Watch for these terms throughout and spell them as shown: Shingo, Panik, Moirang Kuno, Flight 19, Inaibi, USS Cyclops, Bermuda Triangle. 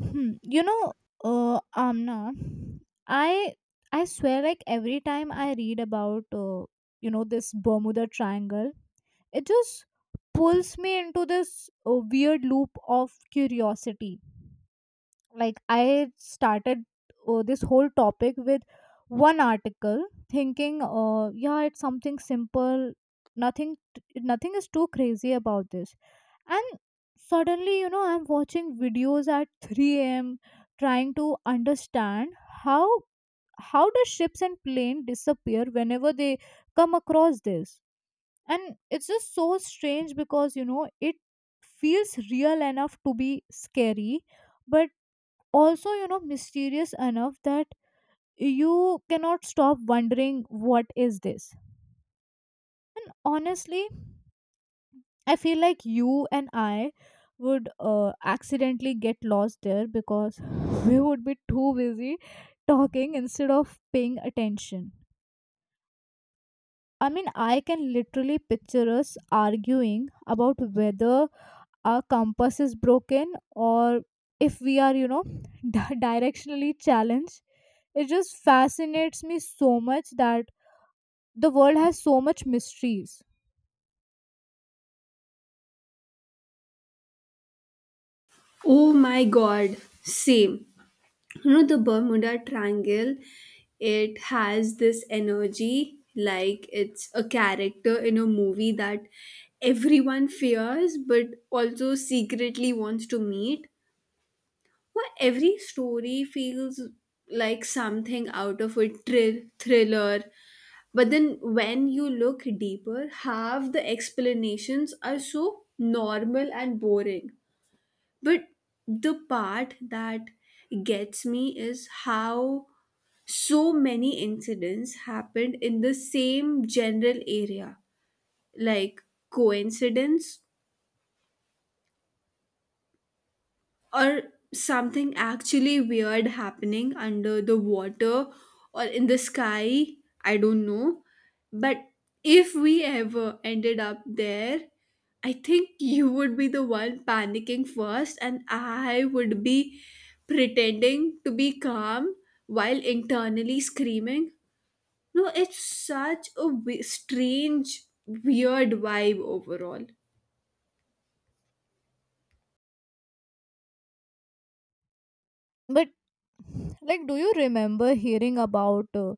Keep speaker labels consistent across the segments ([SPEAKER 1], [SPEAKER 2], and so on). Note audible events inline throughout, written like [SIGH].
[SPEAKER 1] Hmm. You know, uh, Amna, I I swear, like every time I read about this Bermuda Triangle, it just pulls me into this weird loop of curiosity. Like I started this whole topic with one article, thinking, yeah, it's something simple. Nothing is too crazy about this, and suddenly I'm watching videos at 3 a.m., trying to understand how how the ships and plane disappear whenever they come across this. And it's just so strange because it feels real enough to be scary, but also mysterious enough that you cannot stop wondering what is this. And honestly, I feel like you and I would accidentally get lost there because [LAUGHS] we would be too busy talking instead of paying attention. I mean, I can literally picture us arguing about whether our compass is broken or if we are, [LAUGHS] directionally challenged. It just fascinates me so much that the world has so much mysteries.
[SPEAKER 2] Oh my god, same. You know the Bermuda Triangle, it has this energy like it's a character in a movie that everyone fears but also secretly wants to meet. Where every story feels like something out of a thriller. But then when you look deeper, half the explanations are so normal and boring. But the part that gets me is how so many incidents happened in the same general area. Like coincidence? Or something actually weird happening under the water or in the sky. I don't know, but if we ever ended up there, I think you would be the one panicking first and I would be pretending to be calm while internally screaming. No, it's such a strange weird vibe overall.
[SPEAKER 1] But, like, do you remember hearing about?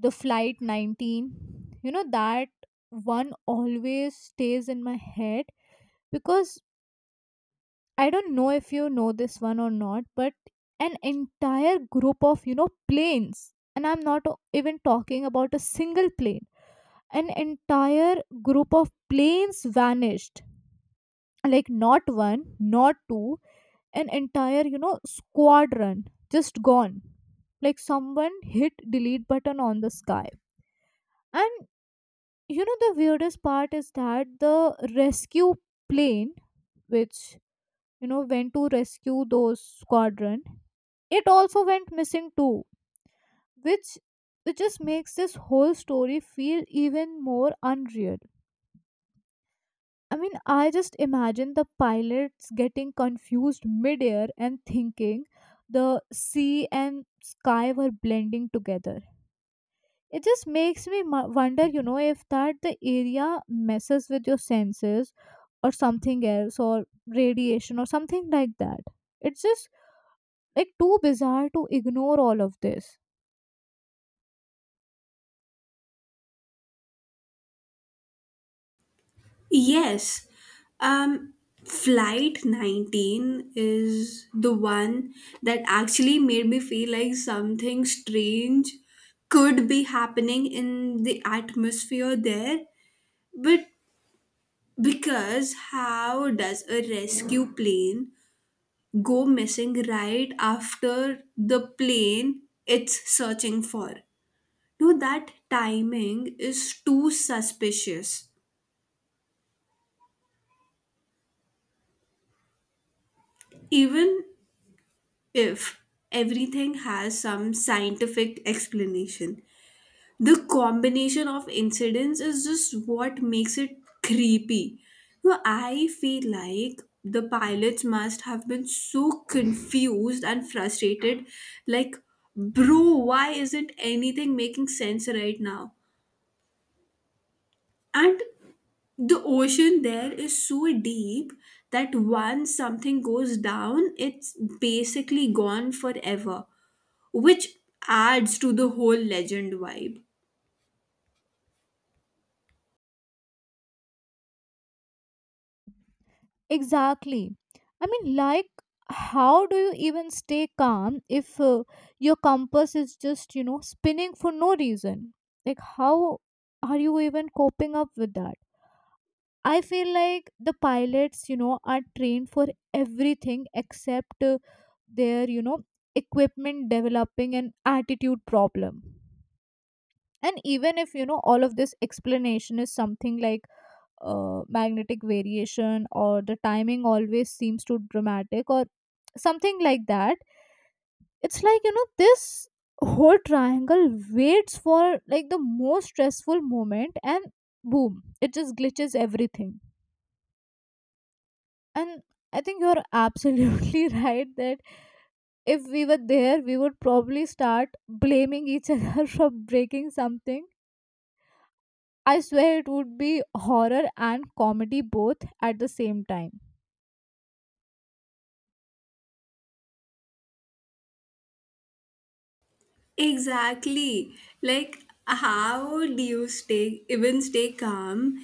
[SPEAKER 1] The flight 19, that one always stays in my head because I don't know if you know this one or not, but an entire group of planes, and I'm not even talking about a single plane, an entire group of planes vanished, like not one, not two, an entire squadron, just gone, like someone hit delete button on the sky. And the weirdest part is that the rescue plane, which went to rescue those squadron, it also went missing too, which which just makes this whole story feel even more unreal. I mean, I just imagine the pilots getting confused midair and thinking the sea and sky were blending together. It just makes me wonder, if that the area messes with your senses or something else or radiation or something like that. It's just like too bizarre to ignore all of this.
[SPEAKER 2] Yes. Um, Flight 19 is the one that actually made me feel like something strange could be happening in the atmosphere there. But because how does a rescue plane go missing right after the plane it's searching for? No, that timing is too suspicious. Even if everything has some scientific explanation. The combination of incidents is just what makes it creepy. So I feel like the pilots must have been so confused and frustrated, like, bro, why isn't anything making sense right now? And the ocean there is so deep that once something goes down it's basically gone forever, which adds to the whole legend vibe.
[SPEAKER 1] Exactly, I mean, like how do you even stay calm if your compass is just spinning for no reason? Like, how are you even coping up with that? I feel like the pilots, are trained for everything except their equipment developing an attitude problem. And even if all of this explanation is something like magnetic variation, or the timing always seems too dramatic or something like that. It's like, this whole triangle waits for like the most stressful moment and boom, it just glitches everything. And I think you're absolutely [LAUGHS] right that if we were there, we would probably start blaming each other [LAUGHS] for breaking something. I swear it would be horror and comedy both at the same time.
[SPEAKER 2] Exactly. Like, how do you even stay calm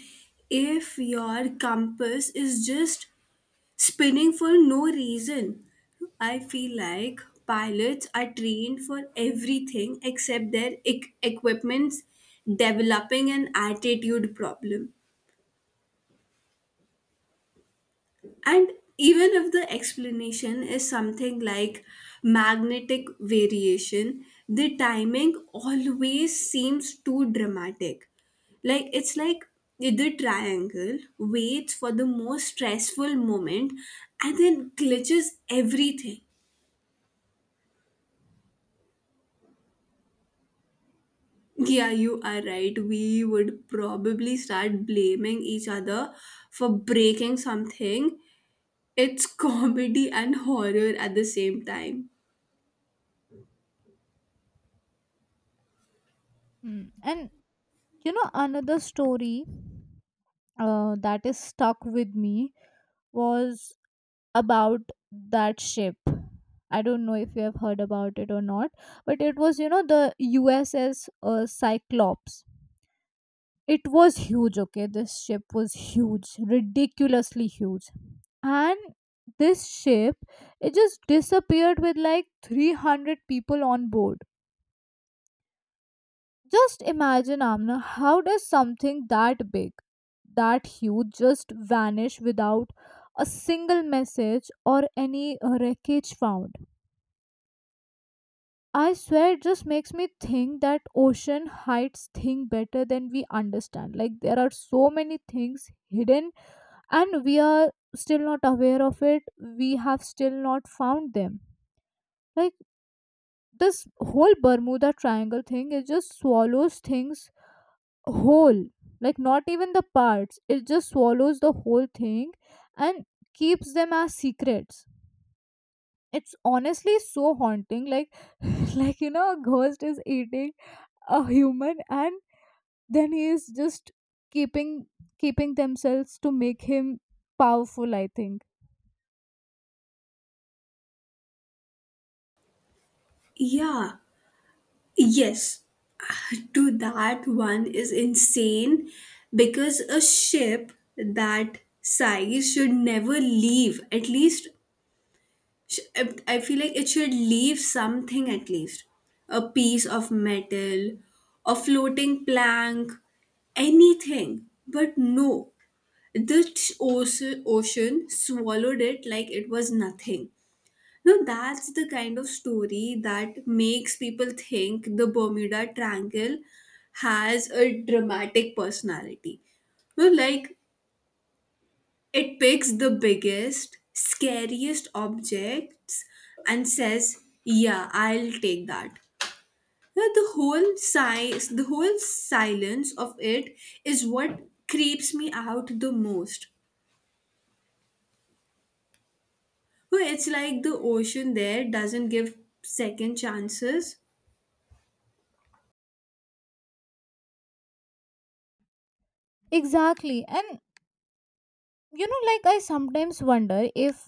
[SPEAKER 2] if your compass is just spinning for no reason? I feel like pilots are trained for everything except their equipment's developing an attitude problem. And even if the explanation is something like magnetic variation, the timing always seems too dramatic. It's like the triangle waits for the most stressful moment and then glitches everything. [LAUGHS] Yeah, you are right. We would probably start blaming each other for breaking something. It's [LAUGHS] comedy and horror at the same time.
[SPEAKER 1] Mm. And another story that is stuck with me was about that ship. I don't know if you have heard about it or not, but it was, the USS Cyclops. It was huge, okay? This ship was huge, ridiculously huge. And this ship, it just disappeared with like 300 people on board. Just imagine, Amna, how does something that big, that huge, just vanish without a single message or any wreckage found? I swear it just makes me think that ocean hides things better than we understand. Like there are so many things hidden and we are still not aware of it, we have still not found them. Like this whole Bermuda Triangle thing, it just swallows things whole, like not even the parts, it just swallows the whole thing and keeps them as secrets. It's honestly so haunting, like [LAUGHS] like a ghost is eating a human and then he is just keeping keeping themselves to make him powerful, I think.
[SPEAKER 2] Yeah. Yes, [LAUGHS] to that one is insane because a ship that size should never leave. At least, I feel like it should leave something, at least a piece of metal, a floating plank, anything. But no, the ocean swallowed it like it was nothing. No, that's the kind of story that makes people think the Bermuda Triangle has a dramatic personality. No, like, it picks the biggest, scariest objects and says, "Yeah, I'll take that." No, the whole size, the whole silence of it is what creeps me out the most. No, it's like the ocean there doesn't give second chances.
[SPEAKER 1] Exactly, and like I sometimes wonder if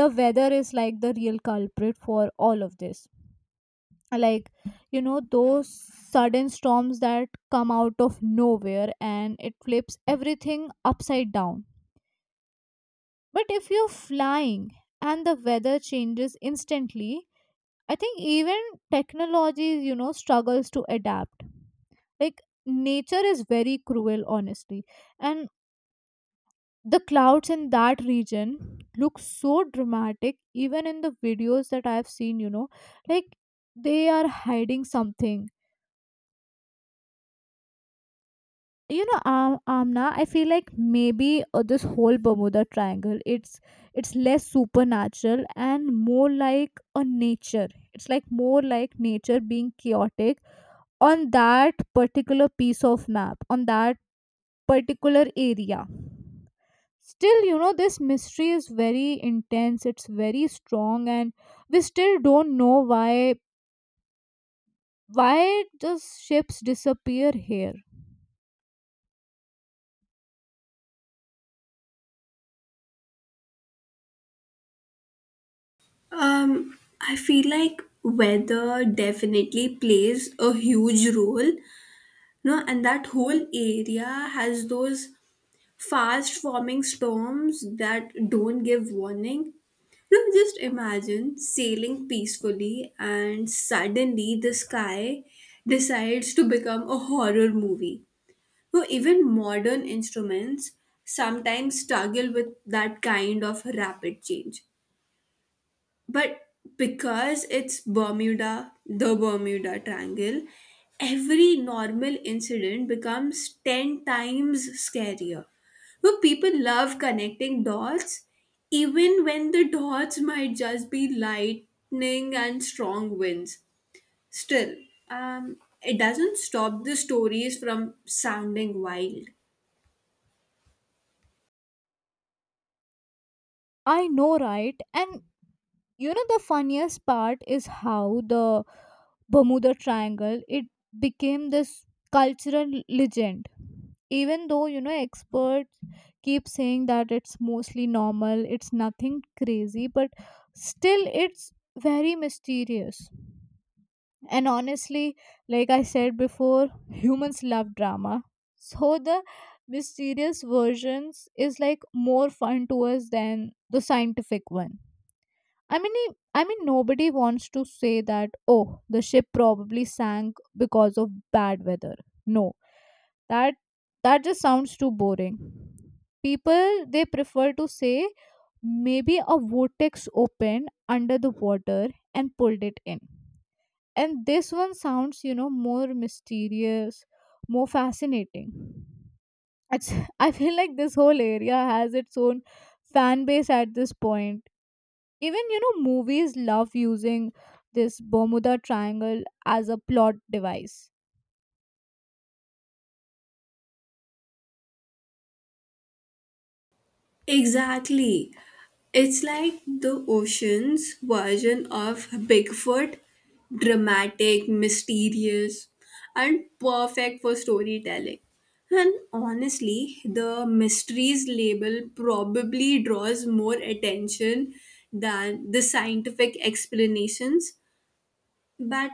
[SPEAKER 1] the weather is like the real culprit for all of this. Like those sudden storms that come out of nowhere and it flips everything upside down. But if you're flying and the weather changes instantly, I think even technology, struggles to adapt. Like nature is very cruel, honestly. And the clouds in that region look so dramatic, even in the videos that I've seen, like they are hiding something. Amna, I feel like maybe this whole Bermuda Triangle, it's less supernatural and more like a nature, it's like more like nature being chaotic on that particular piece of map, on that particular area. Still, this mystery is very intense, it's very strong, and we still don't know why does ships disappear here.
[SPEAKER 2] I feel like weather definitely plays a huge role, no? And that whole area has those fast forming storms that don't give warning. No, just imagine sailing peacefully and suddenly the sky decides to become a horror movie. No, even modern instruments sometimes struggle with that kind of rapid change. But because it's Bermuda, the Bermuda Triangle, every normal incident becomes 10 times scarier. But people love connecting dots, even when the dots might just be lightning and strong winds. Still, it doesn't stop the stories from sounding wild.
[SPEAKER 1] I know, right? And the funniest part is how the Bermuda Triangle, it became this cultural legend, even though experts keep saying that it's mostly normal, it's nothing crazy, but still it's very mysterious. And honestly, like I said before, humans love drama, so the mysterious versions is like more fun to us than the scientific one. I mean, I mean, nobody wants to say that, oh, the ship probably sank because of bad weather. No, that that just sounds too boring. People they prefer to say maybe a vortex opened under the water and pulled it in. And this one sounds, more mysterious, more fascinating. It's [LAUGHS] I feel like this whole area has its own fan base at this point. Even movies love using this Bermuda Triangle as a plot device.
[SPEAKER 2] Exactly. It's like the ocean's version of Bigfoot, dramatic, mysterious, and perfect for storytelling. And honestly, the mysteries label probably draws more attention than the scientific explanations. But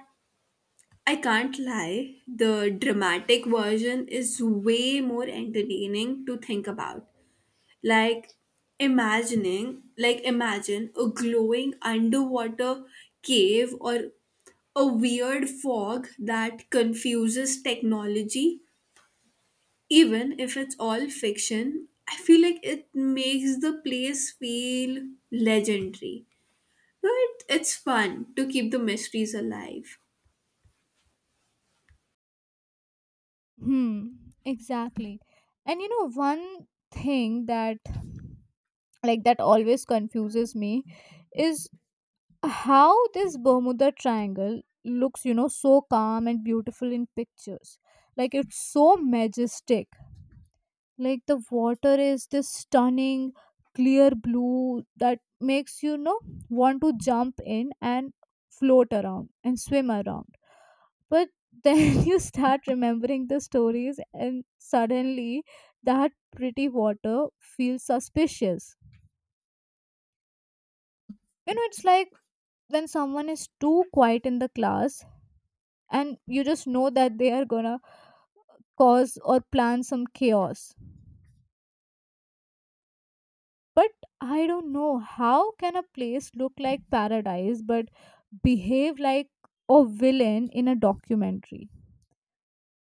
[SPEAKER 2] I can't lie, the dramatic version is way more entertaining to think about, like imagining like imagine a glowing underwater cave or a weird fog that confuses technology. Even if it's all fiction, I feel like it makes the place feel legendary, but it's fun to keep the mysteries alive.
[SPEAKER 1] Hmm, exactly. And one thing that that always confuses me is how this Bermuda Triangle looks, so calm and beautiful in pictures, like it's so majestic, like the water is this stunning clear blue that makes want to jump in and float around and swim around. But then [LAUGHS] you start remembering the stories and suddenly that pretty water feels suspicious. It's like when someone is too quiet in the class and you just know that they are gonna cause or plan some chaos. But I don't know, how can a place look like paradise but behave like a villain in a documentary?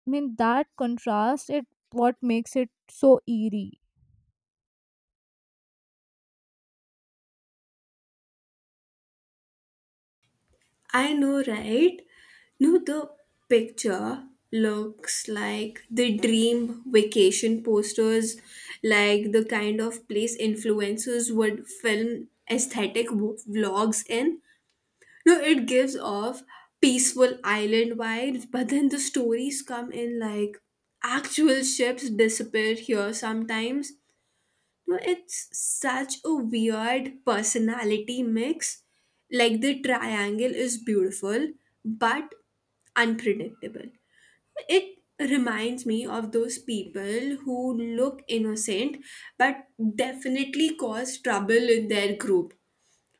[SPEAKER 1] I mean, that contrast it what makes it so eerie.
[SPEAKER 2] I know, right? No, the picture looks like the dream vacation posters, like the kind of place influencers would film aesthetic vlogs in. No, it gives off peaceful island vibes, but then the stories come in like actual ships disappear here sometimes. No, it's such a weird personality mix. Like, the triangle is beautiful but unpredictable. It reminds me of those people who look innocent but definitely cause trouble in their group.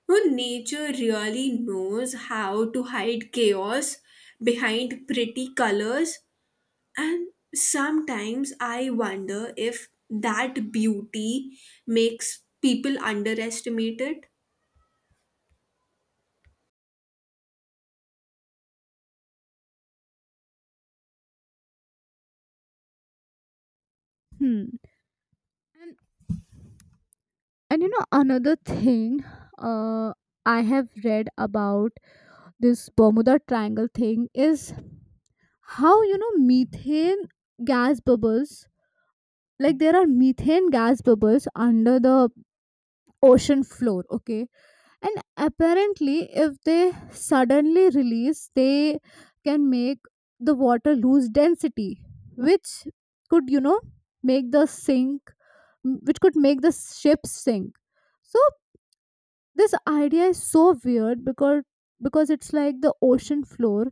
[SPEAKER 2] No, nature really knows how to hide chaos behind pretty colors, and sometimes I wonder if that beauty makes people underestimate it.
[SPEAKER 1] Hmm. And, and another thing uh, I have read about this Bermuda Triangle thing is how methane gas bubbles, like there are methane gas bubbles under the ocean floor, okay. And apparently, if they suddenly release, they can make the water lose density, which could make the sink, which could make the ship sink. So this idea is so weird because it's like the ocean floor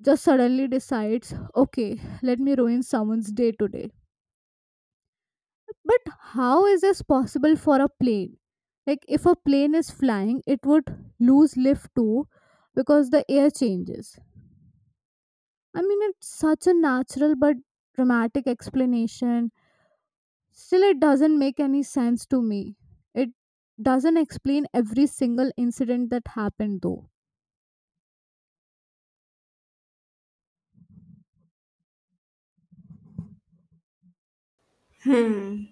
[SPEAKER 1] just suddenly decides, okay, let me ruin someone's day today. But how is this possible for a plane? Like, if a plane is flying, it would lose lift too because the air changes. I mean, it's such a natural but dramatic explanation. Still, it doesn't make any sense to me. It doesn't explain every single incident that happened, though.
[SPEAKER 2] Hmm.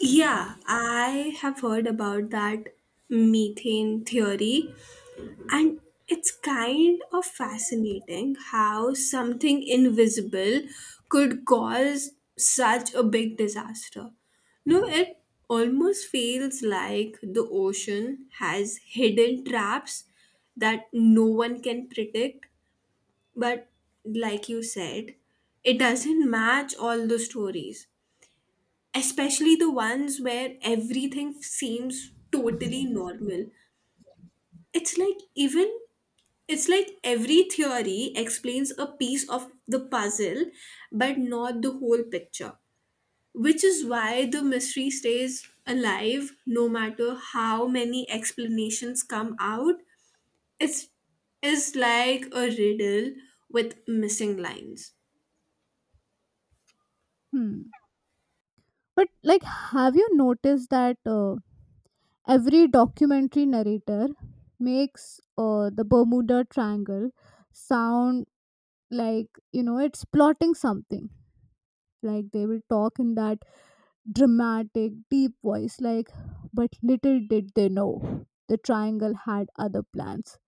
[SPEAKER 2] Yeah, I have heard about that methane theory. And it's kind of fascinating how something invisible could cause such a big disaster. No, it almost feels like the ocean has hidden traps that no one can predict. But like you said, it doesn't match all the stories, especially the ones where everything seems totally normal. It's like even it's like every theory explains a piece of the puzzle, but not the whole picture, which is why the mystery stays alive no matter how many explanations come out. It's, is like a riddle with missing lines.
[SPEAKER 1] Hmm. But, like, have you noticed that every documentary narrator makes the Bermuda Triangle sound like it's plotting something, like they will talk in that dramatic deep voice, like but little did they know the triangle had other plans.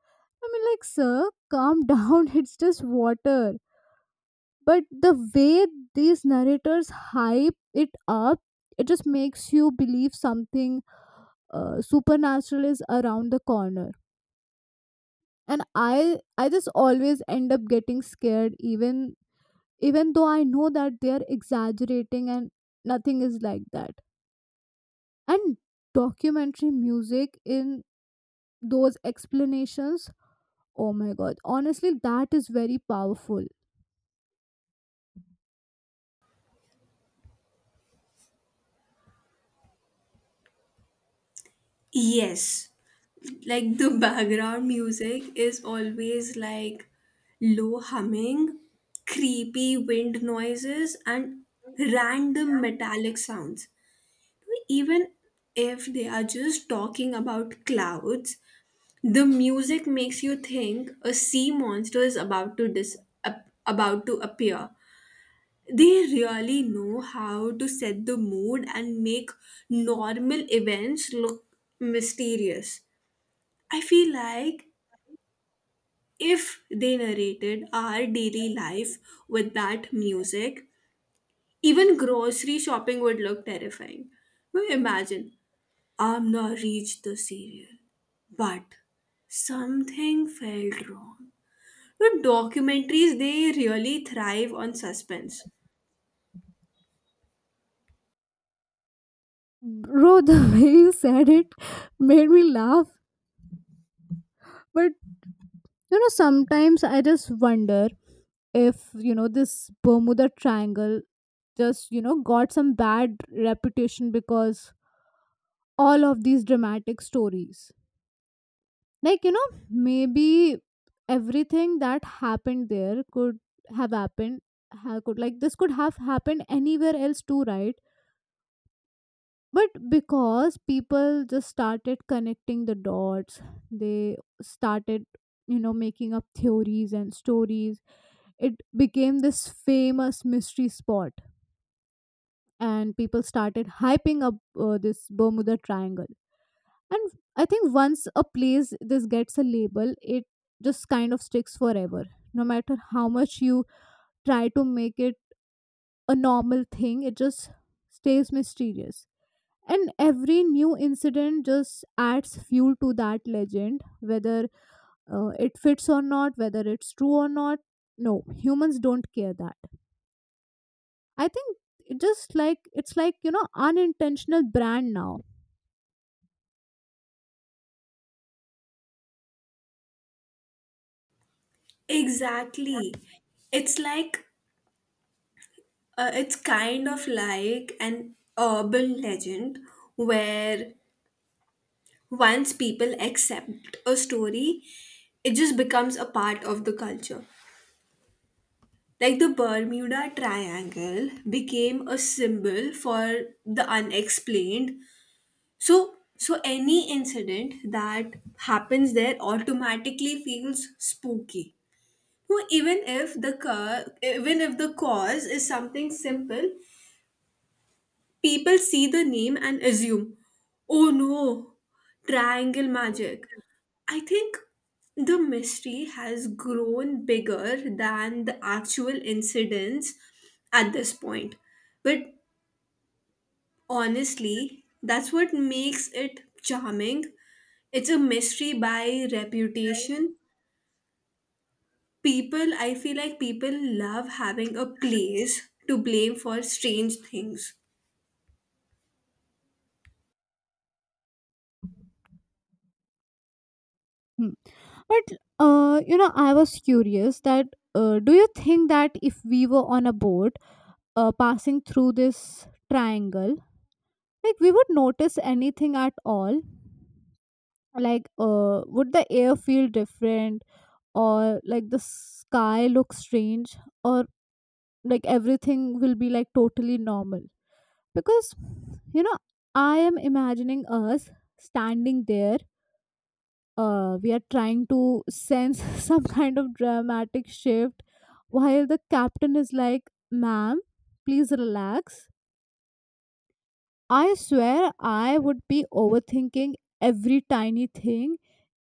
[SPEAKER 1] I mean, like sir, calm down, [LAUGHS] it's just water. But the way these narrators hype it up, it just makes you believe something supernatural is around the corner. And I just always end up getting scared, even even though I know that they are exaggerating and nothing is like that. And documentary music in those explanations, oh my god, honestly, that is very powerful.
[SPEAKER 2] Yes, like the background music is always like low humming, creepy wind noises, and random metallic sounds. Even if they are just talking about clouds, the music makes you think a sea monster is about to about to appear. They really know how to set the mood and make normal events look mysterious. I feel like if they narrated our daily life with that music, even grocery shopping would look terrifying. Now imagine, Amna reached the cereal, but something felt wrong. The documentaries, they really thrive on suspense.
[SPEAKER 1] Bro, the [LAUGHS] way you said it made me laugh. But sometimes I just wonder if this Bermuda Triangle just got some bad reputation because all of these dramatic stories. Like maybe everything that happened there could have happened, ha- could like this could have happened anywhere else too, right? But because people just started connecting the dots, they started making up theories and stories, it became this famous mystery spot, and people started hyping up this Bermuda Triangle. And I think once a place this gets a label, it just kind of sticks forever, no matter how much you try to make it a normal thing, it just stays mysterious. And every new incident just adds fuel to that legend, whether it fits or not, whether it's true or not. No, humans don't care that, I think. It just like it's like unintentional brand now.
[SPEAKER 2] Exactly. It's like, it's kind of like an urban legend where once people accept a story, it just becomes a part of the culture. Like the Bermuda Triangle became a symbol for the unexplained. So any incident that happens there automatically feels spooky. So even if the cause is something simple, people see the name and assume, "Oh no, triangle magic." I think the mystery has grown bigger than the actual incidents at this point. But honestly, that's what makes it charming. It's a mystery by reputation. I feel like people love having a place to blame for strange things.
[SPEAKER 1] Hmm. But I was curious that do you think that if we were on a boat passing through this triangle, like we would notice anything at all? Like, would the air feel different, or like the sky look strange, or like everything will be like totally normal? Because you know, I am imagining us standing there, we are trying to sense [LAUGHS] some kind of dramatic shift while the captain is like, ma'am, please relax. I swear I would be overthinking every tiny thing,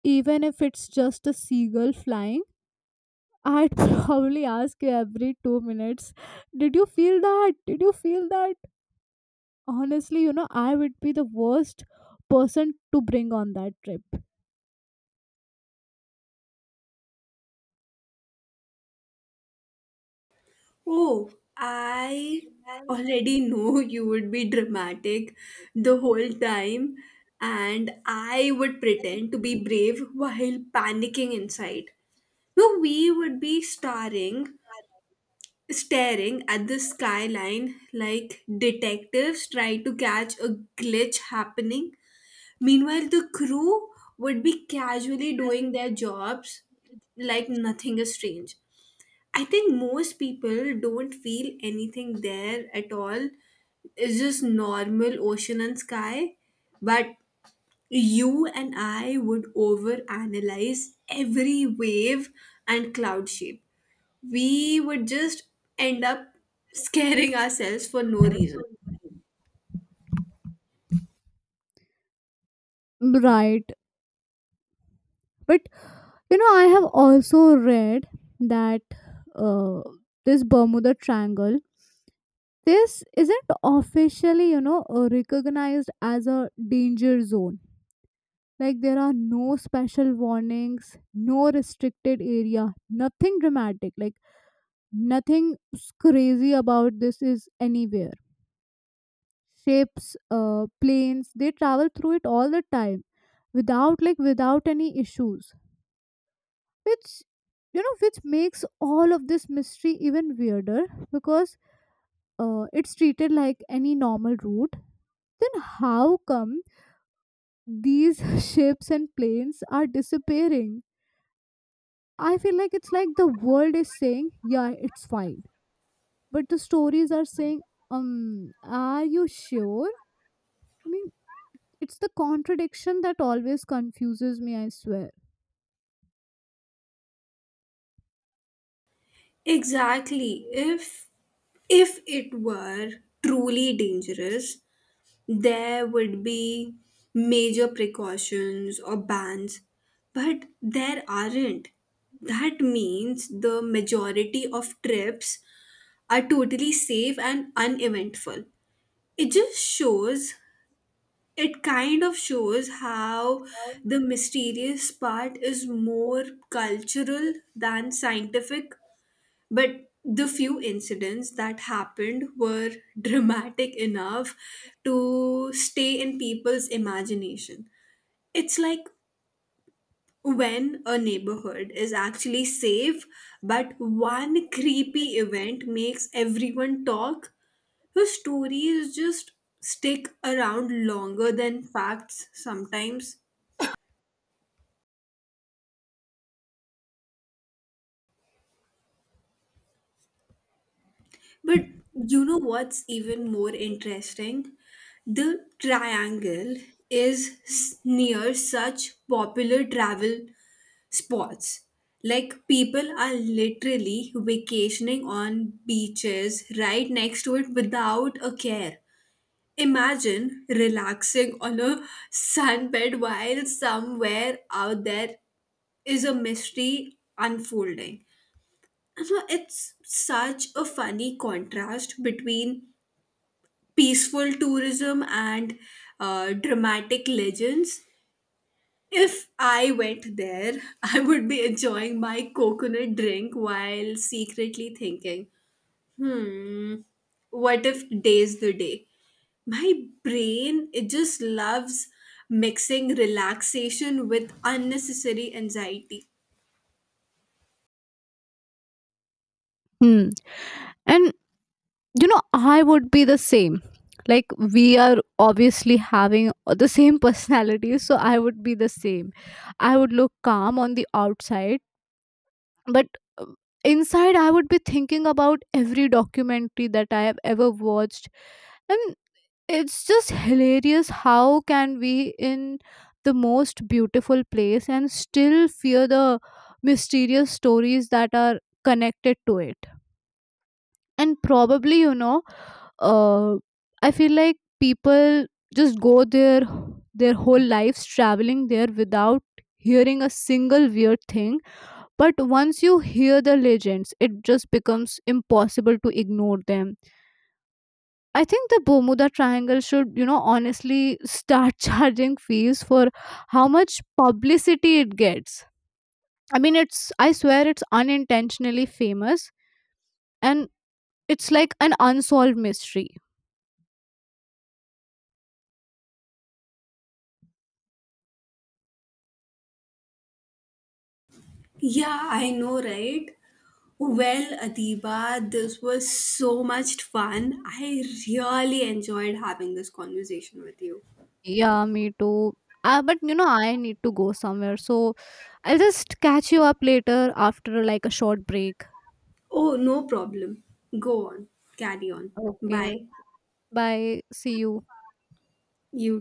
[SPEAKER 1] even if it's just a seagull flying. I'd [LAUGHS] probably ask you every 2 minutes, did you feel that, did you feel that? Honestly, I would be the worst person to bring on that trip.
[SPEAKER 2] Oh, I already [LAUGHS] know you would be dramatic the whole time, and I would pretend to be brave while panicking inside. No, we would be starring staring at the skyline like detectives try to catch a glitch happening. Meanwhile, the crew would be casually doing their jobs like nothing is strange. I think most people don't feel anything there at all. It's just normal ocean and sky. But you and I would overanalyze every wave and cloud shape. We would just end up scaring ourselves for no reason.
[SPEAKER 1] Right, but. You know, I have also read that uh, this Bermuda Triangle, this isn't officially, recognized as a danger zone. Like there are no special warnings, no restricted area, nothing dramatic. Like nothing crazy about this is anywhere. Ships, planes, they travel through it all the time without without any issues, which which makes all of this mystery even weirder, because it's treated like any normal route. Then how come these [LAUGHS] ships and planes are disappearing? I feel like it's like the world is saying, yeah, it's fine, but the stories are saying, um, are you sure? I mean, it's the contradiction that always confuses me, I swear.
[SPEAKER 2] Exactly, if it were truly dangerous there would be major precautions or bans, but there aren't. That means the majority of trips are totally safe and uneventful. It just shows it kind of shows how the mysterious part is more cultural than scientific, but the few incidents that happened were [LAUGHS] dramatic enough to stay in people's imagination. It's like when a neighborhood is actually safe but one creepy event makes everyone talk. Her stories just stick around longer than facts sometimes. But you know what's even more interesting? The triangle is near such popular travel spots. Like, people are literally vacationing on beaches right next to it without a care. Imagine relaxing on a sunbed while somewhere out there is a mystery unfolding. And so it's such a funny contrast between peaceful tourism and dramatic legends. If I went there, [LAUGHS] I would be enjoying my coconut drink while secretly thinking, hmm, what if day's the day? My brain, it just loves mixing relaxation with unnecessary anxiety.
[SPEAKER 1] Hmm. And you know I would be the same. Like we are obviously having the same [LAUGHS] personality, so I would be the same. I would look calm on the outside, but uh, inside I would be thinking about every documentary that I have ever watched. And it's just hilarious, how can we in the most beautiful place and still fear the mysterious stories that are connected to it? And probably uh, I feel like people just go their whole lives traveling there without hearing a single weird thing. But once you hear the legends, it just becomes impossible to ignore them. I think the Bermuda Triangle should, honestly start [LAUGHS] charging fees for how much publicity it gets. I mean, it's I swear it's unintentionally famous, and it's like an unsolved mystery.
[SPEAKER 2] Yeah, I know, right? Well, Adiba, this was so much fun. I really enjoyed having this conversation with you.
[SPEAKER 1] Yeah, me too. But I need to go somewhere. So I'll just catch you up later after like a short break.
[SPEAKER 2] Oh, no problem. Go on. Carry on.
[SPEAKER 1] Okay.
[SPEAKER 2] Bye.
[SPEAKER 1] Bye. See you.
[SPEAKER 2] You